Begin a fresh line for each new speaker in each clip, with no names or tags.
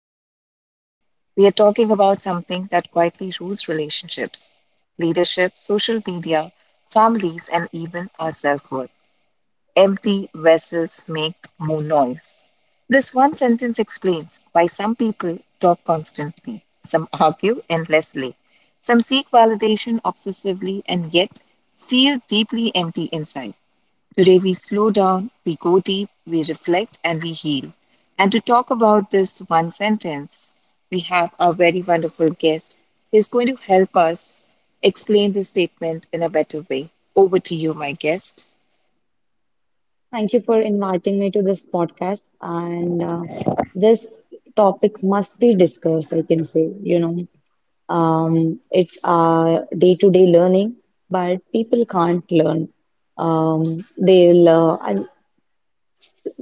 it's a mirror. We are talking about something that quietly rules relationships, leadership, social media, families, and even our self worth. Empty vessels make more noise. This one sentence explains why some people talk constantly, some argue endlessly, some seek validation obsessively, and yet feel deeply empty inside. Today, we slow down, we go deep, we reflect, and we heal. And to talk about this one sentence, we have our very wonderful guest who is going to help us explain this statement in a better way. Over to you, my guest.
Thank you for inviting me to this podcast. And this topic must be discussed, I can say. It's our day-to-day learning, but people can't learn. Um, they'll, uh,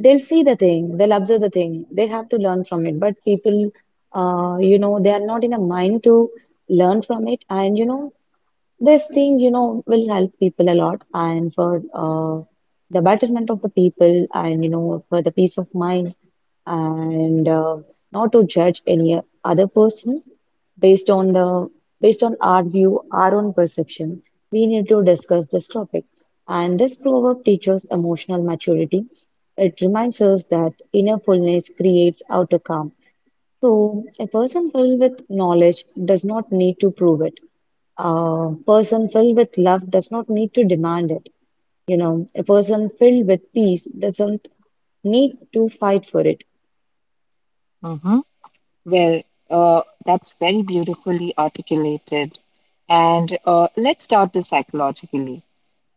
they'll see the thing, they'll observe the thing, they have to learn from it. But people, they are not in a mind to learn from it. This thing, will help people a lot and for the betterment of the people and, for the peace of mind and not to judge any other person based on the based on our view, our own perception, we need to discuss this topic. And this proverb teaches emotional maturity. It reminds us that inner fullness creates outer calm. So a person filled with knowledge does not need to prove it. A person filled with love does not need to demand it. You know, a person filled with peace doesn't need to fight for it.
Mm-hmm. Well, that's very beautifully articulated. And let's start this psychologically.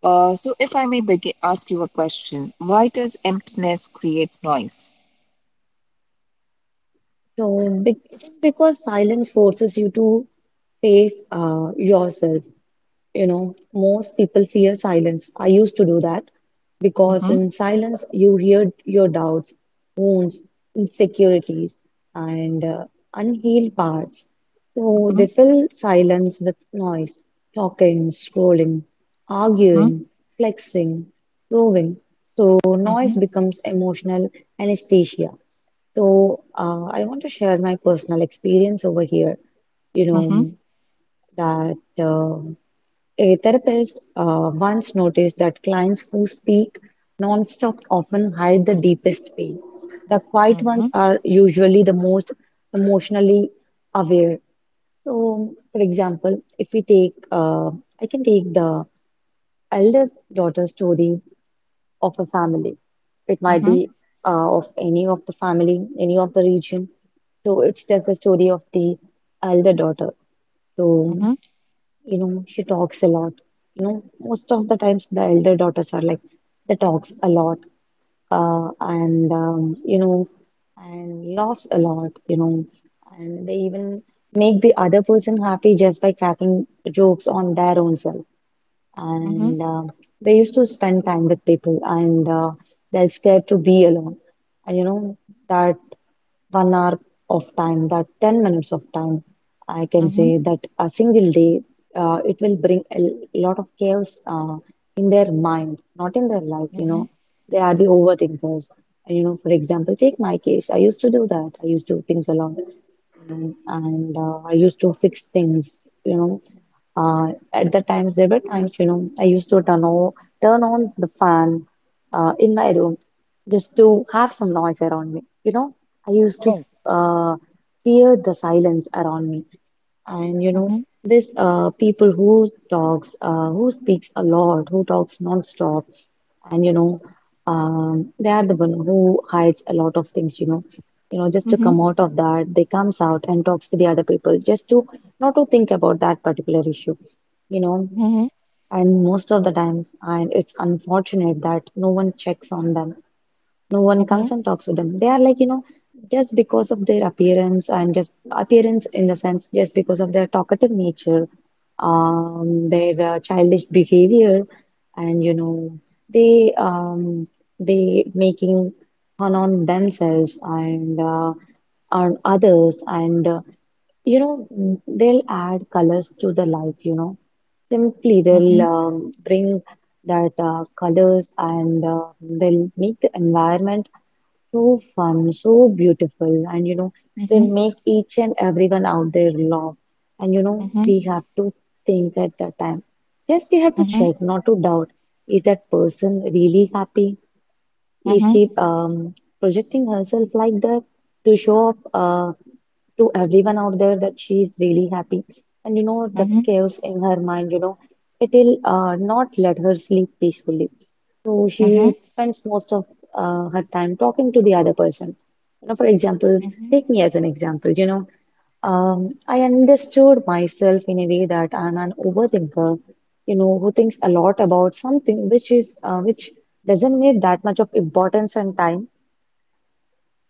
So, if I may begin, ask you a question, why does emptiness create noise?
So it is because silence forces you to face yourself. You know, most people fear silence. I used to do that because
Mm-hmm.
in silence you hear your doubts, wounds, insecurities, and unhealed parts. So they
Mm-hmm.
fill silence with noise, talking, scrolling,
Mm-hmm.
arguing, flexing, proving. So noise
Mm-hmm.
becomes emotional anesthesia. So, I want to share my personal experience over here. You know, that um a therapist once noticed that clients who speak nonstop often hide the deepest pain. The quiet ones
Mhm.
are usually the most emotionally aware. So, for example, if we take, I can take the elder daughter story of a family. It might be
Mhm.
of any of the family, any of the region. So it's just the story of the elder daughter. So,
Mhm.
you know, she talks a lot. You know, most of the times the elder daughters are like, they talks a lot uh, and, um, you know, and laughs a lot, you know, and they even make the other person happy just by cracking jokes on their own self
Mhm.
and they used to spend time with people, and they're scared to be alone, and you know that 1 hour of time, that 10 minutes of time, I can say
Mhm.
that a single day, it will bring a lot of chaos in their mind, not in their life, you know.
Mhm.
They are the overthinkers. And you know, for example, take my case, I used to do that, I used to think a lot and I used to fix things, you know. Uh, there were times, you know, I used to turn on, turn on the fan in my room just to have some noise around me. You know, I used to
Oh.
uh, fear the silence around me. And, you know,
Mhm.
this people who speaks a lot, who talks non-stop, and you know they are the one who hides a lot of things, you know. You know, just to come
Mhm.
out of that, they comes out and talks to the other people, just to not to think about that particular issue, you know.
Mhm.
And most of the times, and it's unfortunate that no one checks on them, no one
Mhm.
comes and talks with them. They are like, you know, just because of their appearance, and just appearance in the sense, just because of their talkative nature, their childish behavior, and you know, they um, they making fun on themselves and on others, and you know, they'll add colors to the life, you know. Simply
Mhm.
they'll
Mhm.
um, bring that colors and they'll make the environment so fun, so beautiful, and you know, they
Mhm.
make each and everyone out there laugh. And you know, we
Mhm.
have to think at that time. Just we have to
Mhm.
check, not to doubt. Is that person really happy? Is
Mhm.
she projecting herself like that to show off? To everyone out there that she is really happy. And you know,
Mhm.
that
Mhm.
chaos in her mind, you know, it will not let her sleep peacefully. So she
Mhm.
spends most of her time talking to the other person. You know, for example,
Mhm.
take me as an example, you know, I understood myself in a way that I'm an overthinker, you know, who thinks a lot about something which is which doesn't need that much of importance and time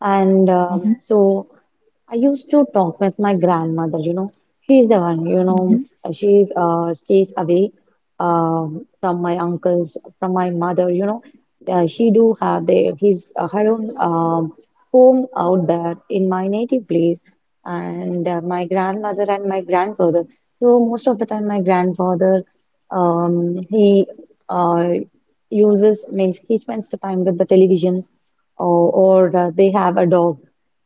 and
Mhm.
um, so I used to talk with my grandmother, you know. She's the one, you know,
Mhm.
she's stays away from my uncles, from my mother, you know. She do have the, his her own home out there in my native place, and my grandmother and my grandfather. So most of the time, my grandfather, he uh, uses means he spends the time with the television or, or they have a dog.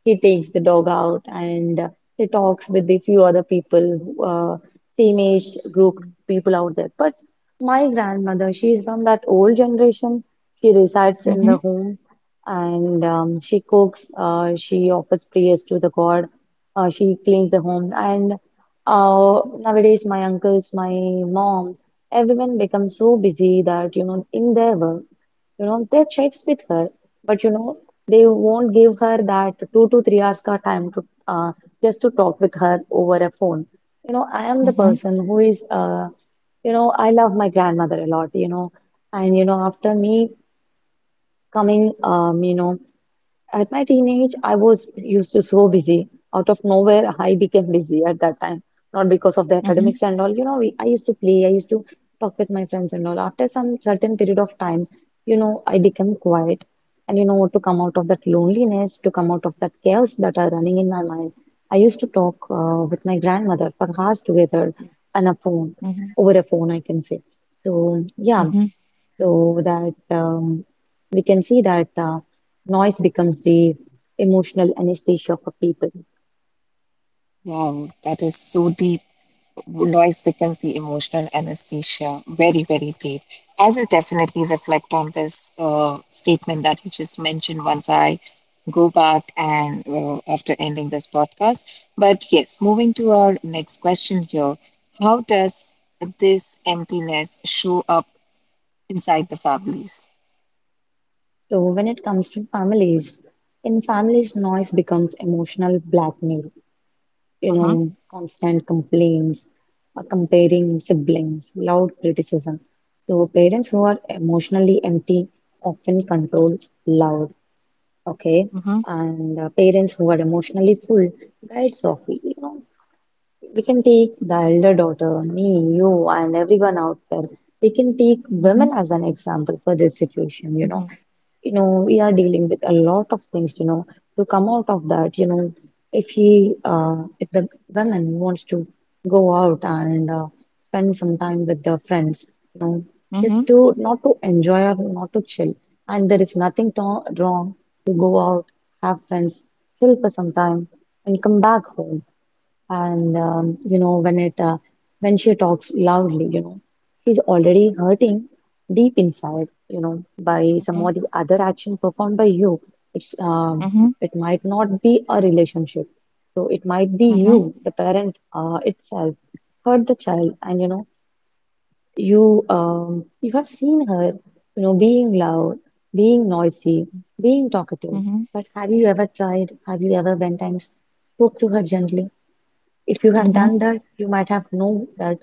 He takes the dog out and he talks with the few other people, uh, same age group people out there. But my grandmother, she is from that old generation. She resides in the home and she cooks, she offers prayers to the God, she cleans the home. And uh, nowadays, my uncles, my mom, everyone becomes so busy that, you know, in their work, you know, they checks with her, but you know, they won't give her that 2 to 3 hours ka time to just to talk with her over a phone. You know, I am the person who is, you know, I love my grandmother a lot, you know, and you know, after me coming, you know, at my teenage, I was used to so busy. Out of nowhere, I became busy at that time. Not because of the
Mhm. Mhm.
academics and all. I used to play, I used to talk with my friends and all. After some certain period of time, you know, I became quiet. And you know, to come out of that loneliness, to come out of that chaos that are running in my mind, I used to talk with my grandmother for hours together on a phone,
Mhm.
over a phone, I can say. So, yeah,
Mhm.
so that we can see that noise becomes the emotional anesthesia for people.
Wow, that is so deep. Noise becomes the emotional anesthesia, very very deep. I will definitely reflect on this statement that you just mentioned once I go back and after ending this podcast. But yes, moving to our next question here, how does this emptiness show up inside the families?
So when it comes to families, in families, noise becomes emotional blackmail. You
Mm-hmm.
know, constant complaints, comparing siblings, loud criticism. So parents who are emotionally empty often control loud, okay?
Mm-hmm.
And parents who are emotionally full guide softly. You know, we can take the elder daughter, me, you, and everyone out there. We can take women
Mm-hmm.
as an example for this situation, you know.
Mm-hmm.
You know, we are dealing with a lot of things, you know. To come out of that, you know, if the woman wants to go out and spend some time with their friends, you know, just
Mm-hmm.
to not to enjoy or not to chill. And there is nothing to wrong to go out, have friends, chill for some time, and come back home and you know when it when she talks loudly, you know, she's already hurting deep inside, you know, by some of the other action performed by you. it's um,
Mm-hmm.
it might not be a relationship, so it might be you
Mm-hmm.
the parent itself hurt the child. And you know, you have seen her, you know, being loud, being noisy, being talkative,
Mm-hmm.
but have you ever tried, have you ever went and spoke to her gently? If you have
Mm-hmm.
done that, you might have known that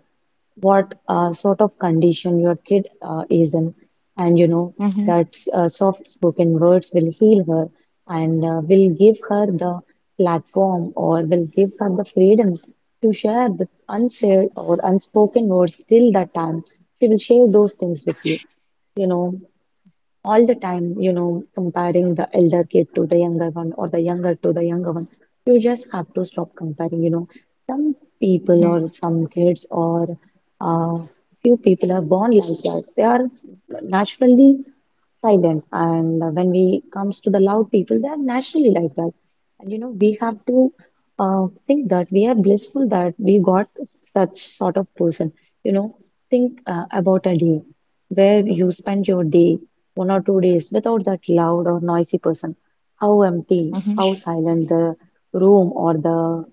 what sort of condition your kid is in, and you know
Mm-hmm.
that soft-spoken words will heal her and will give her the platform or will give her the freedom to share the unsaid or unspoken words till that time. She will share those things with you, you know, all the time, you know, comparing the elder kid to the younger one or the younger to the younger one. You just have to stop comparing, you know. Some people
Mm-hmm.
or some kids or uh, few people are born like that. They are naturally silent, and when we comes to the loud people, they are naturally like that. And you know, we have to think that we are blissful that we got such sort of person. You know, think about a day where you spend your day one or two days without that loud or noisy person. How empty,
Mm-hmm.
how silent the room or the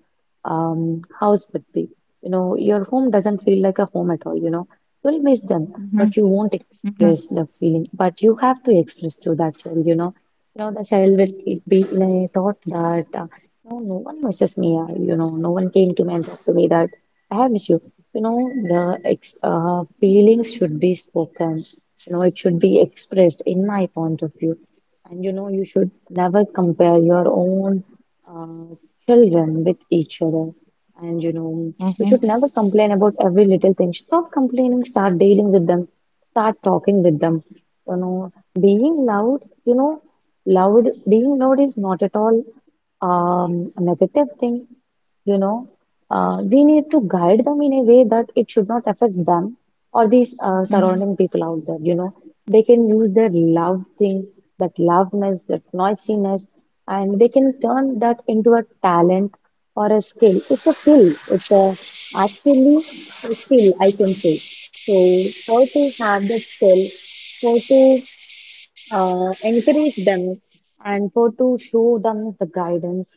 house would be. You know, your home doesn't feel like a home at all, you know. You'll miss them,
Mm-hmm.
but you won't
Mm-hmm.
express the feeling. But you have to express to that child, you know. You know, the child will be in a thought that, no, no one misses me, you know, no one came to me and talked to me that I have issue. You know, the ex feelings should be spoken. You know, it should be expressed in my point of view. And you know, you should never compare your own uh, children with each other. And you know, you
Mm-hmm.
should never complain about every little thing. Stop complaining, start dealing with them, start talking with them. You know, being loud, you know, loud, being loud is not at all a negative thing, you know we need to guide them in a way that it should not affect them or these
Mm-hmm.
surrounding people out there. You know, they can use their love thing, that loudness, that noisiness, and they can turn that into a talent or a skill. It's a skill. It's a actually a skill, I can say. So, how to have that skill, how to encourage them and for to show them the guidance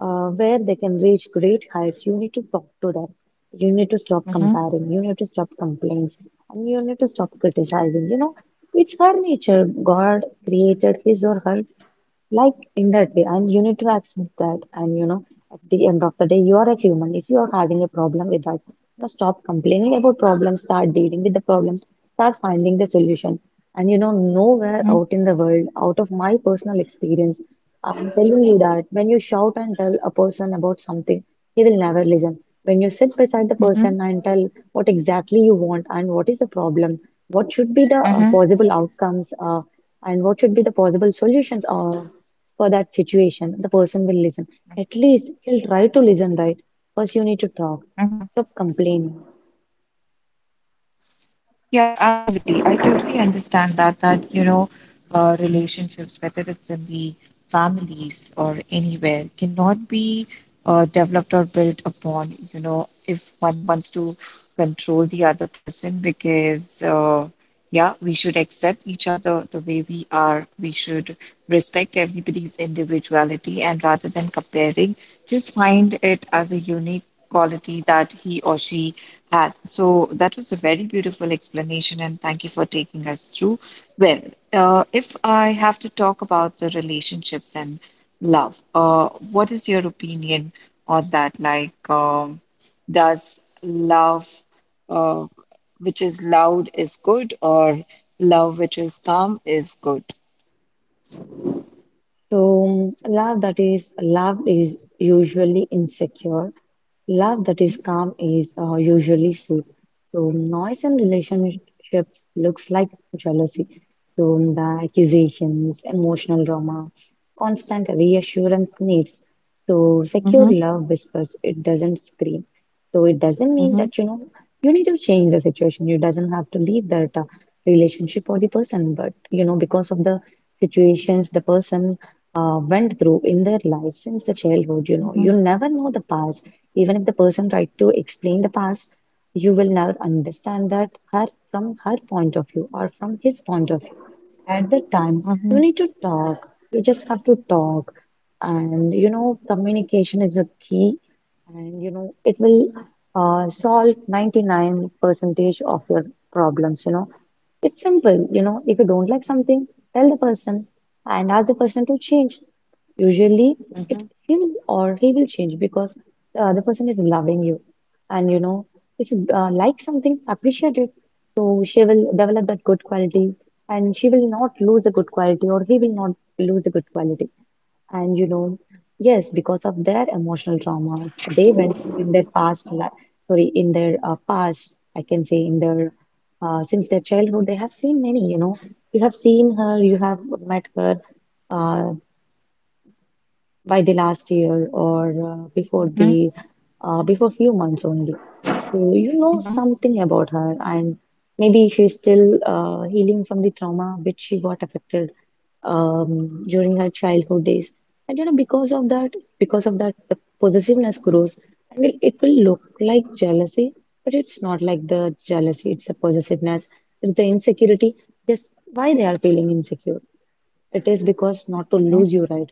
where they can reach great heights, you need to talk to them, you need to stop
Mhm.
comparing, you need to stop complaints, and you need to stop criticizing. You know, it's her nature. God created his or her like in that way, and you need to accept that. And you know, at the end of the day, you are a human. If you are having a problem with that, you stop complaining about problems, start dealing with the problems, start finding the solution. And you know, nowhere
Mhm.
out in the world, out of my personal experience, I'm telling you that when you shout and tell a person about something, he will never listen. When you sit beside the
Mhm.
person and tell what exactly you want and what is the problem, what should be the
Mhm.
possible outcomes and what should be the possible solutions for that situation, the person will listen. At least he'll try to listen, right? First, you need to talk.
Mhm.
Stop complaining.
Yeah, absolutely. I totally understand that relationships, whether it's in the families or anywhere, cannot be developed or built upon, if one wants to control the other person because yeah, we should accept each other the way we are. We should respect everybody's individuality and rather than comparing just find it as a unique quality that he or she has. So that was a very beautiful explanation, and thank you for taking us through. Well, if I have to talk about the relationships and love, what is your opinion on that? Like, does love, uh, which is loud, is good, or love which is calm is good?
So, love that is loved is usually insecure. Love that is
Mm-hmm.
calm is usually safe. So, noise in relationships looks like jealousy. So, the accusations, emotional drama, constant reassurance needs. So, secure
Mm-hmm.
love whispers, it doesn't scream. So, it doesn't mean that you know you need to change the situation. You doesn't have to leave that relationship or the person, but you know, because of the situations, the person went through in their life since the childhood. You know, you
Mm-hmm.
never know the past. Even if the person tried to explain the past, you will never understand that her from her point of view or from his point of view. At that time,
Mm-hmm.
you need to talk. You just have to talk, and you know, communication is a key, and you know, it will solve 99 percentage of your problems. You know, it's simple, you know, if you don't like something, tell the person and ask the person to change. Usually, it
Mhm.
he will or he will change because the other person is loving you. And you know, if you like something, appreciate it. So she will develop that good quality and she will not lose a good quality or he will not lose a good quality. And you know, yes, because of their emotional traumas, they went through in their past, sorry, in their, past, I can say in their, since their childhood, they have seen many, you know, you have seen her, you have met her, uh, by the last year or before
Mhm.
the before few months only. So you know
Mhm.
something about her, and maybe she's still healing from the trauma which she got affected during her childhood days. And you know, because of that, the possessiveness grows. I will, it will look like jealousy, but it's not like the jealousy. It's the possessiveness. It's the insecurity. Just why they are feeling insecure. It is because not to
Mhm.
lose you, right?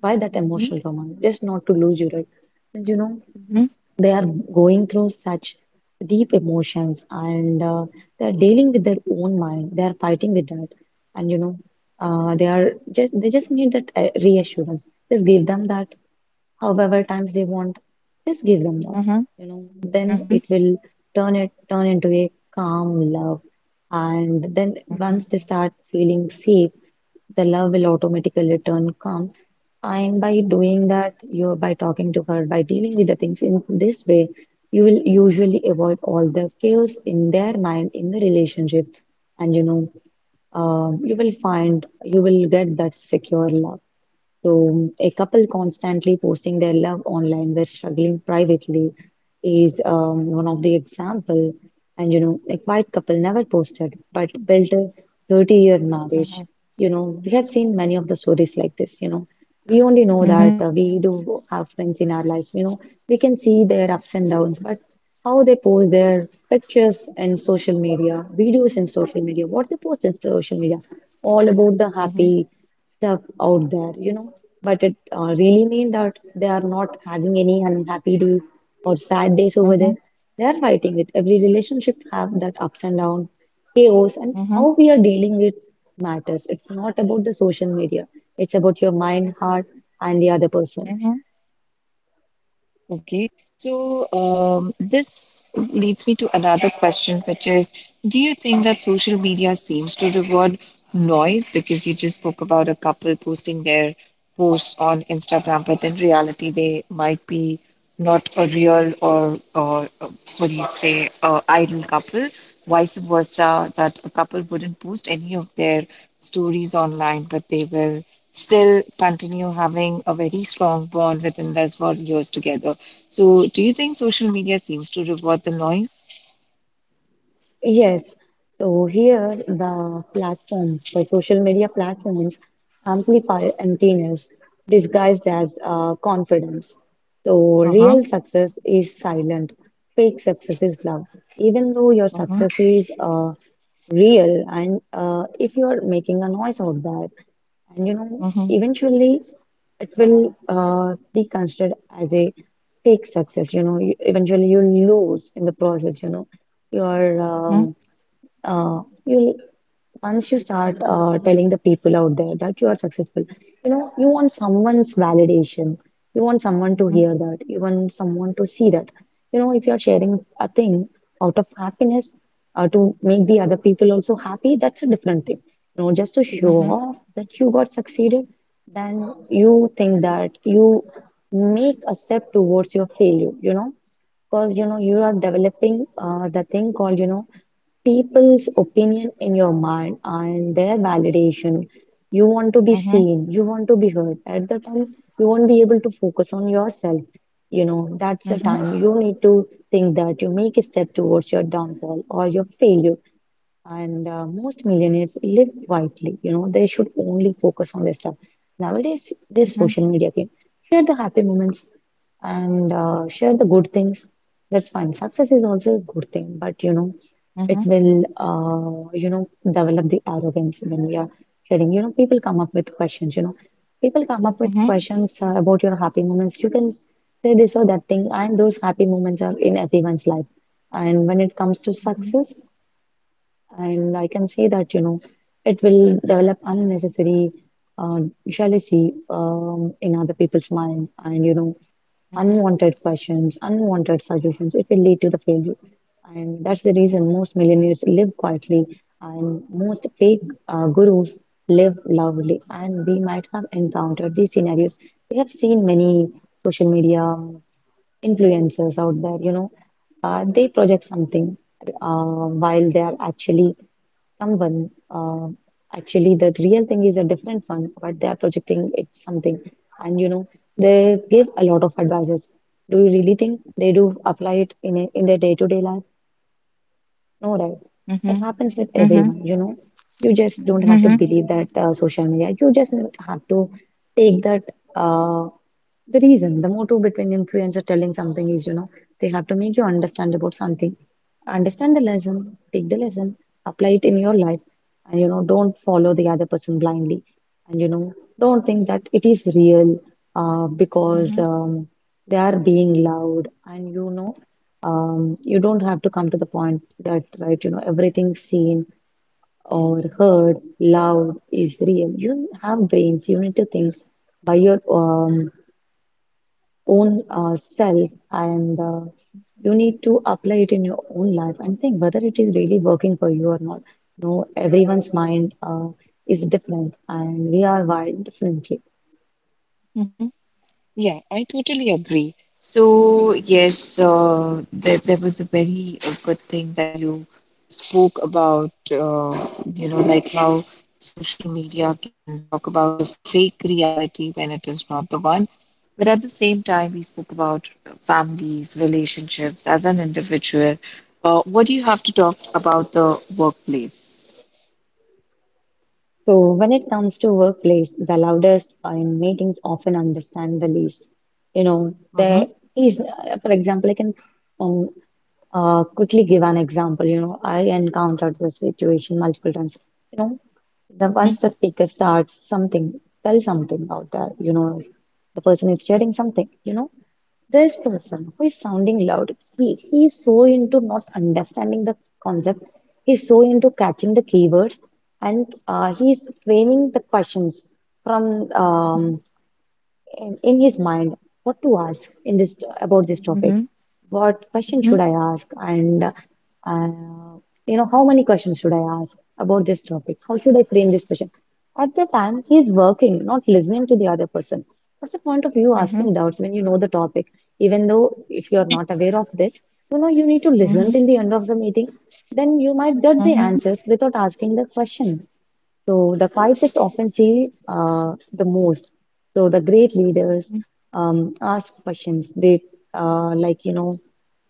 Why that
Mhm.
emotional trauma? Just not to lose you, right? And you know,
Mhm.
they are going through such deep emotions and, they are dealing with their own mind. They are fighting with that. And you know, they are just they just need that reassurance. Just give them that however times they want, just give them love,
Mhm.
you know,
Mhm.
then
Mhm.
it will turn it turn into a calm love. And then
Mhm.
once they start feeling safe, the love will automatically turn calm. And by doing that, you're by talking to her, by dealing with the things in this way, you will usually avoid all the chaos in their mind in the relationship. And you know, you will find you will get that secure love. So, a couple constantly posting their love online while struggling privately is one of the example. And you know, a quiet couple never posted but built a 30-year
Mhm.
marriage. You know, we have seen many of the stories like this. You know, we only know
Mhm.
that we do have friends in our life. You know, we can see their ups and downs, but how they post their pictures in social media, videos in social media, what they post in social media, all about the
Mhm.
happy stuff out there. You know, but it really mean that they are not having any unhappy days or sad days over
Mhm.
there. They are fighting with, every relationship have that ups and down, chaos and
Mhm.
how we are dealing with matters. It's not about the social media, it's about your mind, heart, and the other person.
Mhm. Okay, so this leads me to another question, which is, do you think that social media seems to reward noise? Because you just spoke about a couple posting their posts on Instagram, but in reality, they might be not a real or what do you say, idle couple. Vice versa, that a couple wouldn't post any of their stories online, but they will still continue having a very strong bond within us for years together. So, do you think social media seems to reward the noise?
Yes, so here the platforms, the social media platforms amplify emptiness disguised as confidence. So
Uh-huh.
real success is silent, fake success is loud. Even though your
Uh-huh.
success is real, and if you are making a noise out there, and you know,
Uh-huh.
eventually it will be considered as a fake success. You know, you, eventually you lose in the process. You know, your
Uh-huh.
uh, you'll once you start telling the people out there that you are successful, you know you want someone's validation, you want someone to
Uh-huh.
hear that, you want someone to see that. You know, if you are sharing a thing out of happiness to make the other people also happy, that's a different thing. You know, just to show
Uh-huh.
off that you got succeeded, then you think that you make a step towards your failure. You know, because you know, you are developing the thing called, you know, people's opinion in your mind and their validation. You want to be
Uh-huh. Uh-huh.
seen, you want to be heard. At the time, you won't be able to focus on yourself. You know, that's the
Uh-huh.
time you need to think that you make a step towards your downfall or your failure. And most millionaires live quietly, you know, they should only focus on their stuff. Nowadays, this
Uh-huh.
social media game, share the happy moments and share the good things. That's fine. Success is also a good thing, but you know, it
Uh-huh.
will, you know, develop the arrogance when we are sharing. You know, people come up with questions, you know, people come up with
Uh-huh. Uh-huh.
questions about your happy moments. You can say this or that thing, and those happy moments are in everyone's life. And when it comes to
Uh-huh.
success, and I can see that, you know, it will develop unnecessary uh, jealousy in other people's mind, and you know, unwanted questions, unwanted suggestions. It will lead to the failure. And that's the reason most millionaires live quietly and most fake gurus live loudly. And we might have encountered these scenarios. We have seen many social media influencers out there, you know, they project something while they are actually someone. Actually, the real thing is a different one, but they are projecting it something. And you know, they give a lot of advices. Do you really think they do apply it in a, in their day-to-day life? No, right? That
Uh-huh.
happens with
Uh-huh.
everyone. You know, you just don't have to
Uh-huh.
believe that social media. You just have to take that. Uh, the reason, the motto between influencer telling something is, you know, they have to make you understand about something. Understand the lesson, take the lesson, apply it in your life, and you know, don't follow the other person blindly. And you know, don't think that it is real because
Uh-huh.
they are being loud, and you know, you don't have to come to the point that, right, you know, everything seen or heard loud is real. You have brains, you need to think by your own self and you need to apply it in your own life and think whether it is really working for you or not. You know, everyone's mind is different and we are wired differently.
Uh-huh. Yeah, I totally agree. So, yes, there was a very good thing that you spoke about, like how social media can talk about a fake reality when it is not the one. But at the same time, we spoke about families, relationships as an individual. What do you have to talk about the workplace?
So when it comes to workplace, the loudest in meetings often understand the least. You know,
Mm-hmm.
there is, for example, I can um, quickly give an example. You know, I encountered this situation multiple times. You know, The
Mm-hmm.
once the speaker starts something, tell something out there, you know, the person is sharing something, you know, this person who is sounding loud, he is so into not understanding the concept, he's so into catching the keywords, and he's framing the questions from
Mm-hmm.
in his mind what to ask in this about this
Mm-hmm.
topic. What question should I ask? And you know, how many questions should I ask about this topic? How should I frame this question? At the time, he is working, not listening to the other person. What's the point of you
Mm-hmm.
asking doubts when you know the topic? Even though if you are not aware of this, you know you need to listen
Mm-hmm.
till the end of the meeting. Then you might get the
Mm-hmm.
answers without asking the question. So the quietest often say the most. So the great leaders ask questions. They like you know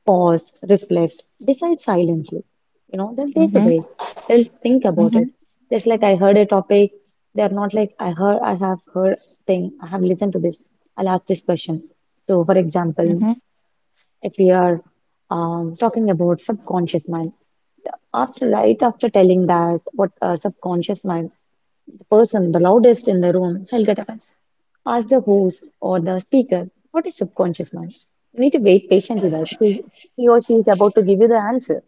pause, reflect, decide silently. You know they'll take a
Mm-hmm.
break. They'll think about it.
Mm-hmm.
Just like I heard a topic, they are not like I have heard thing. I have listened to this. I'll ask this question. So for example,
Mm-hmm.
if we are talking about subconscious mind, after right after telling that what subconscious mind the person, the loudest in the room, he'll get offended. Ask the host or the speaker, what is subconscious mind? You need to wait patiently, like he or she is about to give you the answer.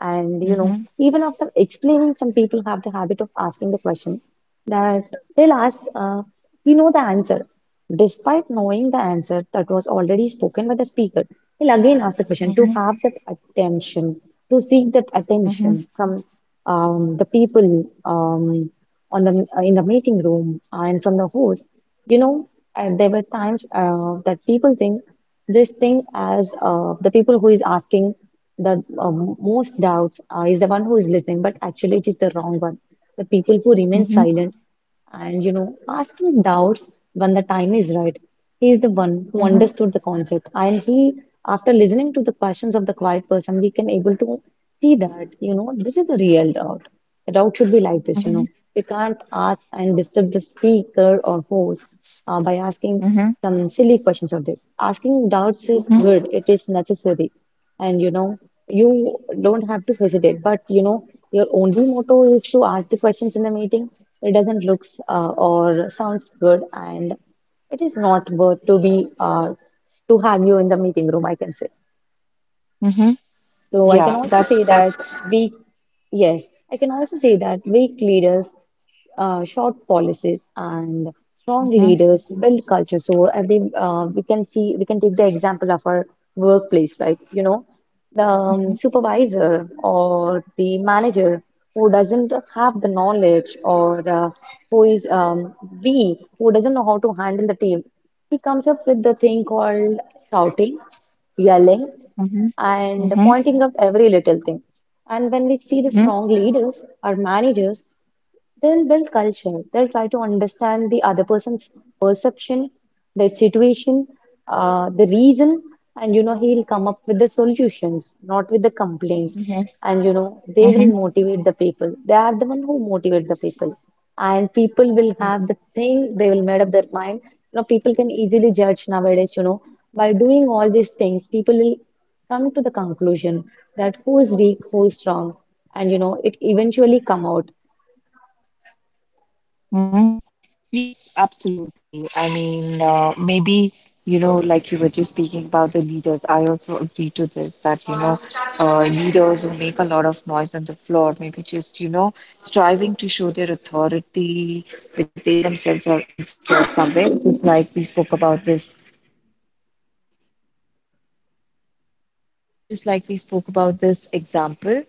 And you know,
Mhm.
even after explaining, some people have the habit of asking the question that they'll ask, you know, the answer. Despite knowing the answer that was already spoken by the speaker, they'll again ask the question to
Mhm.
have that attention, to seek that
Mhm.
attention from the people on the in the meeting room and from the host. You know, there were times that people think this thing as the people who is asking the most doubts is the one who is listening, but actually it is the wrong one. The people who remain
Mhm.
silent and you know asking doubts when the time is right. He is the one who
Mhm.
understood the concept, and after listening to the questions of the quiet person, we can able to see that you know this is a real doubt, the doubt should be like this, you
Mhm.
know we can't ask and disturb the speaker or host by asking
Mhm.
some silly questions of this. Asking doubts is
Mhm.
good, it is necessary, and you know you don't have to hesitate, but you know your only motto is to ask the questions in the meeting. It doesn't looks or sounds good, and it is not worth to be to have you in the meeting room, I can say.
Mhm.
So I can
Yeah,
also
that's
say
that.
that weak, yes, I can also say that weak leaders, short policies, and strong
Mhm.
leaders build culture. So every we can see we can take the example of our workplace, right? You know, the
Mhm.
supervisor or the manager who doesn't have the knowledge or who is weak, who doesn't know how to handle the team, he comes up with the thing called shouting, yelling,
Mhm.
and
Mhm.
pointing out every little thing. And when we see the
Mhm.
strong leaders or managers, they'll build culture. They'll try to understand the other person's perception, their situation, the reason, and you know, he'll come up with the solutions, not with the complaints.
Mhm.
And you know, they
Mhm.
will motivate the people. They are the one who motivate the people. And people will have the thing, they will made up their mind. You know, people can easily judge nowadays, you know, by doing all these things, people will come to the conclusion that who is weak, who is strong, and you know, it eventually come out.
Mhm. Yes, absolutely. I mean, maybe, like you were just speaking about the leaders, I also agree to this that, leaders who make a lot of noise on the floor, maybe just, striving to show their authority because they themselves are insecure somewhere. Just like we spoke about this example,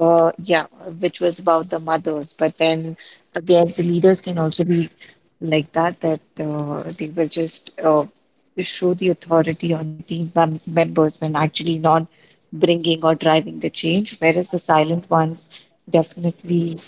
yeah, which was about the mothers. But then again, the leaders can also be like that they will just show the authority on their team members when actually not bringing or driving the change, whereas the silent ones definitely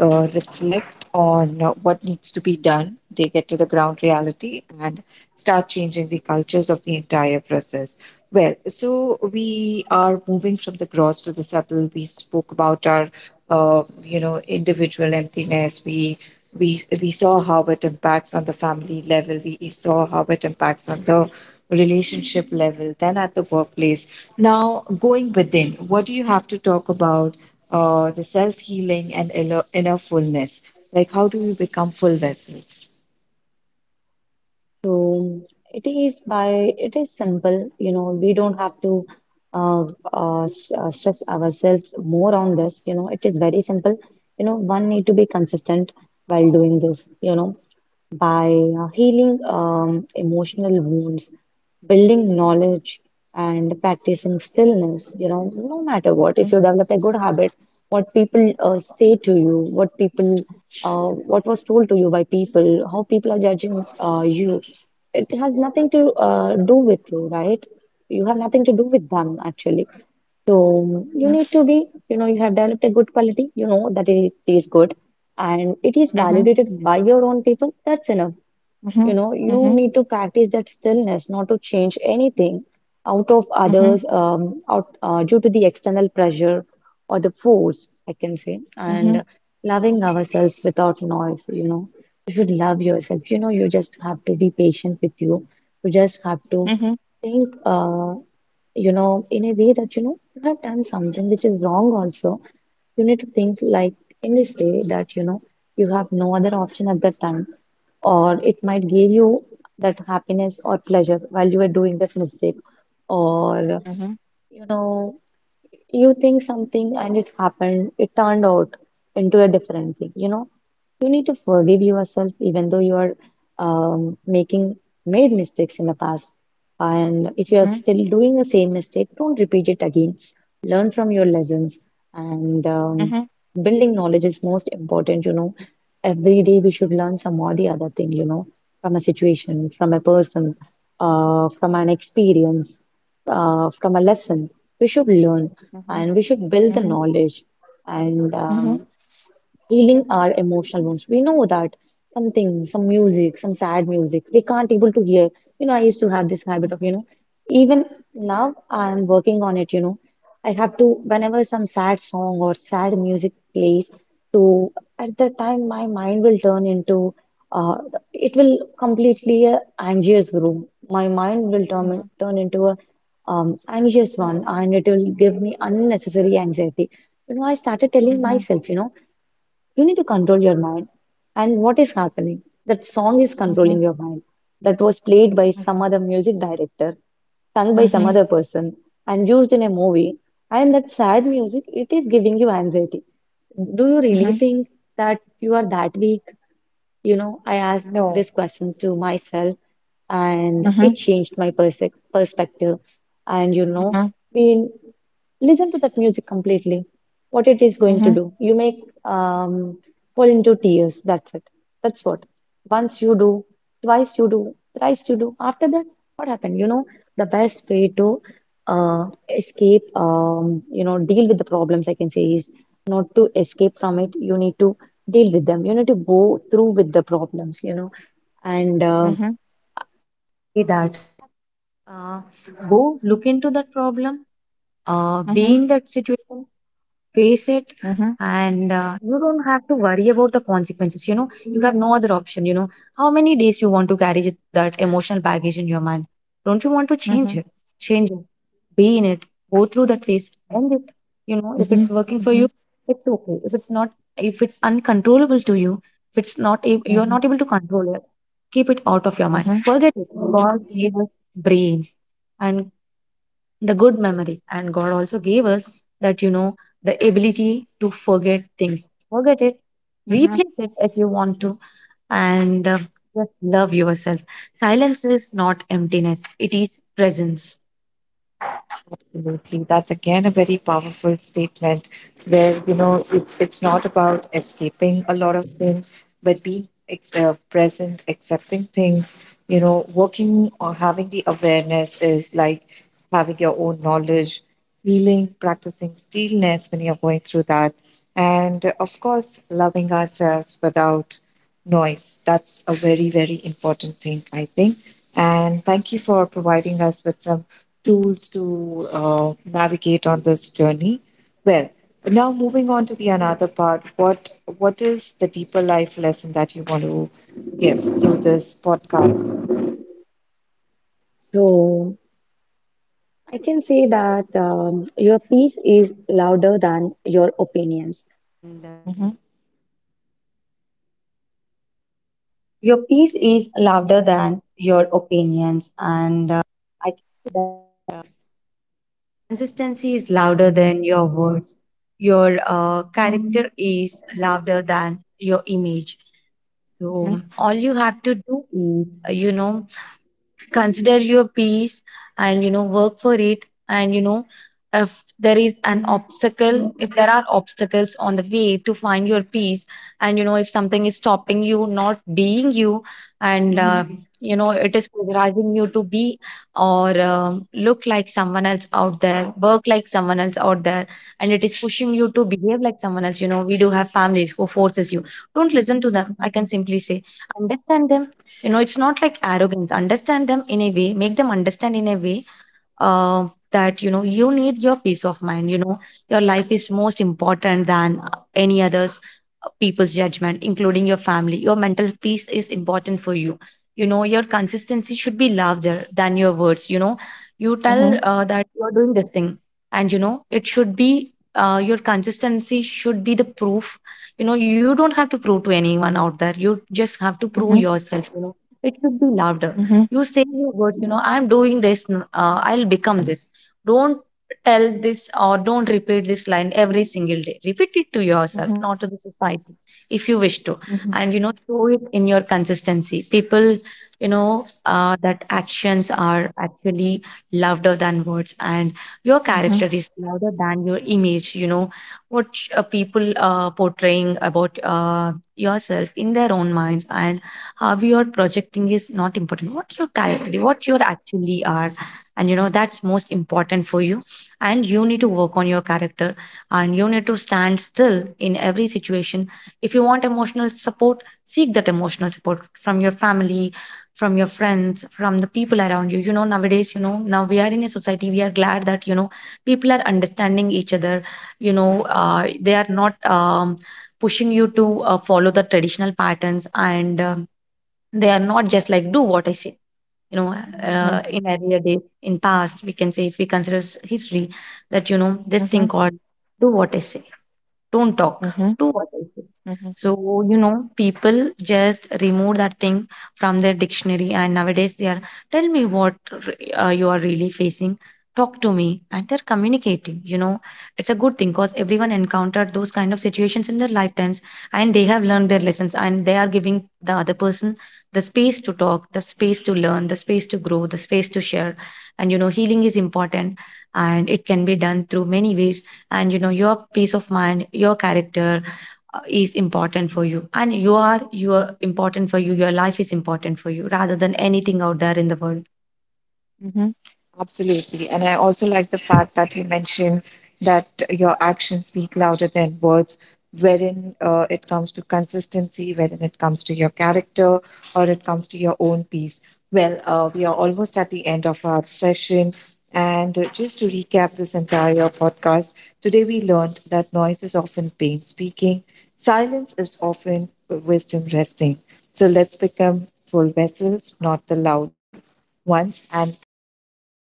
reflect on what needs to be done. They get to the ground reality and start changing the cultures of the entire process. Well, so we are moving from the gross to the subtle. We spoke about our, individual emptiness. We saw how it impacts on the family level. We saw how it impacts on the relationship level, then at the workplace. Now going within, what do you have to talk about the self healing and inner fullness? Like how do we become full vessels?
So it is by, it is simple, you know, we don't have to uh, stress ourselves more on this, you know, it is very simple. You know, one need to be consistent while doing this, you know, by healing emotional wounds, building knowledge, and practicing stillness. You know, no matter what, if you develop a good habit, what people say to you, what people, what was told to you by people, how people are judging you, it has nothing to do with you, right? You have nothing to do with them actually. So you need to be, you know, you have developed a good quality, you know that it is good and it is validated by your own people, that's enough. You
Mhm.
know, you
Mhm.
need to practice that stillness, not to change anything out of others,
Mhm.
out due to the external pressure or the force, I can say, and
Mhm.
loving ourselves without noise. You know, you should love yourself. You know, you just have to be patient with you. You just have to
Mhm.
think, you know, in a way that you know you have done something which is wrong also, you need to think like in this way that you know you have no other option at that time, or it might give you that happiness or pleasure while you are doing that mistake, or you
Mhm.
know you think something and it happened, it turned out into a different thing, you know you need to forgive yourself even though you are making made mistakes in the past. And if you are
Mhm.
still doing the same mistake, don't repeat it again. Learn from your lessons, and building knowledge is most important, you know. Every day we should learn some or the other thing, you know, from a situation, from a person, from an experience, from a lesson. We should learn and we should build the knowledge. And healing our emotional wounds. We know that something, some music, some sad music, we can't able to hear. You know, I used to have this habit of, you know, even now I am working on it, you know. I have to, whenever some sad song or sad music plays, so at that time my mind will turn into, uh, it will completely a anxious room. My mind will turn into a anxious one and it will give me unnecessary anxiety. You know, I started telling
Mhm.
myself, you know you need to control your mind. And what is happening? That song is controlling your mind. That was played by some other music director, sung by some
Mhm.
other person, and used in a movie. And that sad music, it is giving you anxiety. Do you really
Mhm.
think that you are that weak? You know, I asked this
No.
question to myself and it
Mhm.
changed my perse perspective. And, you know,
Mhm.
we listen to that music completely. What it is going
Mhm.
to
Mhm.
do? You make fall into tears. That's it. That's what. Once you do, twice you do, thrice you do. After that, what happened? You know, the best way to uh, escape, you know, deal with the problems, I can say, is not to escape from it. You need to deal with them, you need to go through with the problems, you know, and
Mhm.
say that go look into that problem,
Mhm.
be in that situation, face it,
Mhm.
and you don't have to worry about the consequences, you know you have no other option, you, how many days you want to carry it- that emotional baggage in your mind, don't you want to change
Mhm.
it? Change it, be in it, go through that phase, end it. You know if
Mhm.
it's working for you, it's okay. If it's not, if it's uncontrollable to you, if it's not
Mhm.
you're not able to keep it out of your mind,
Mhm.
forget it. God gave us brains and the good memory. And God also gave us that, you know, the ability to forget things. Forget it, replace it if you want to, and just love yourself. Silence is not emptiness, it is presence.
Absolutely. That's again a very powerful statement where, it's not about escaping a lot of things, but being present, accepting things, working or having the awareness is like having your own knowledge, feeling, practicing stillness when you're going through that. And of course, loving ourselves without noise. That's a very, very important thing, I think. And thank you for providing us with some tools to navigate on this journey. Well, now moving on to the another part. What is the deeper life lesson that you want to give through this podcast?
So I can say that your peace is louder than your opinion. Consistency is louder than your words. Your character is louder than your image. So
Mhm.
all you have to do is you know, consider your peace, and you know work for it, and you know if there is an obstacle, if there are obstacles to find your peace, and you know if something is stopping you not being you, and
Mhm.
you know it is pressurizing you to be or look like someone else out there, work like someone else out there, and it is pushing you to behave like someone else. You know, we do have families who forces you, don't listen to them, I can simply say. Understand them, you know, it's not like arrogance. Understand them in a way, make them understand a way uh, that you know you need your peace of mind, you know your life is most important than any others, people's judgment including your family. Your mental peace is important for you. You know your should be louder than your words. You know you tell
Mhm.
that you are doing this thing, and you know it should be, your consistency should be the proof. You know you don't have to prove to anyone out there, you just have to prove
Mhm.
yourself, you know, it should be louder.
Mhm.
You say your word, you know, I'm doing this I'll become this. Don't tell this, or don't repeat this line every single day. Repeat it to yourself,
Mhm.
not to the society if you wish to,
Mhm.
and you know show it in your consistency. People, you know that actions are actually louder than words, and your
Mhm.
character is louder than your image. You know what people are portraying about yourself in their own minds, and how you are projecting is not important. What your character, what you actually are, and you know that's most important for you. And you need to work on your character, and you need to stand still in every situation. If you want emotional support, seek that emotional support from your family, from your friends, from the people around you. You know nowadays, you know now we are in a society, we are glad that you know people are understanding each other. You know they are not pushing you to follow the traditional patterns, and they are not just like do what I say. You know,
Mhm.
in earlier days in past we can say, if we consider history, that you know this
Mhm.
thing called do what I say, don't talk.
Mhm.
Do what I say.
Mhm.
So, you know, people just remove that thing from their dictionary, and nowadays they are, tell me what you are really facing, talk to me, and they're communicating. You know, it's a good thing because everyone encountered those kind of situations in their lifetimes and they have learned their lessons, and they are giving the other person the space to talk, the space to learn, the space to grow, the space to share. And, you know, healing is important and it can be done through many ways, and you know your peace of mind, your character is important for you, and you are important for you. Your life is important for you rather than anything out there in the world.
Absolutely. And I also like the fact that you mentioned that your actions speak louder than words, wherein it comes to consistency, wherein it comes to your character, or it comes to your own peace. Well, we are almost at the end of our session. And just to recap this entire podcast, today we learned that noise is often pain speaking, silence is often wisdom resting. So let's become full vessels, not the loud once. And thank you once again to our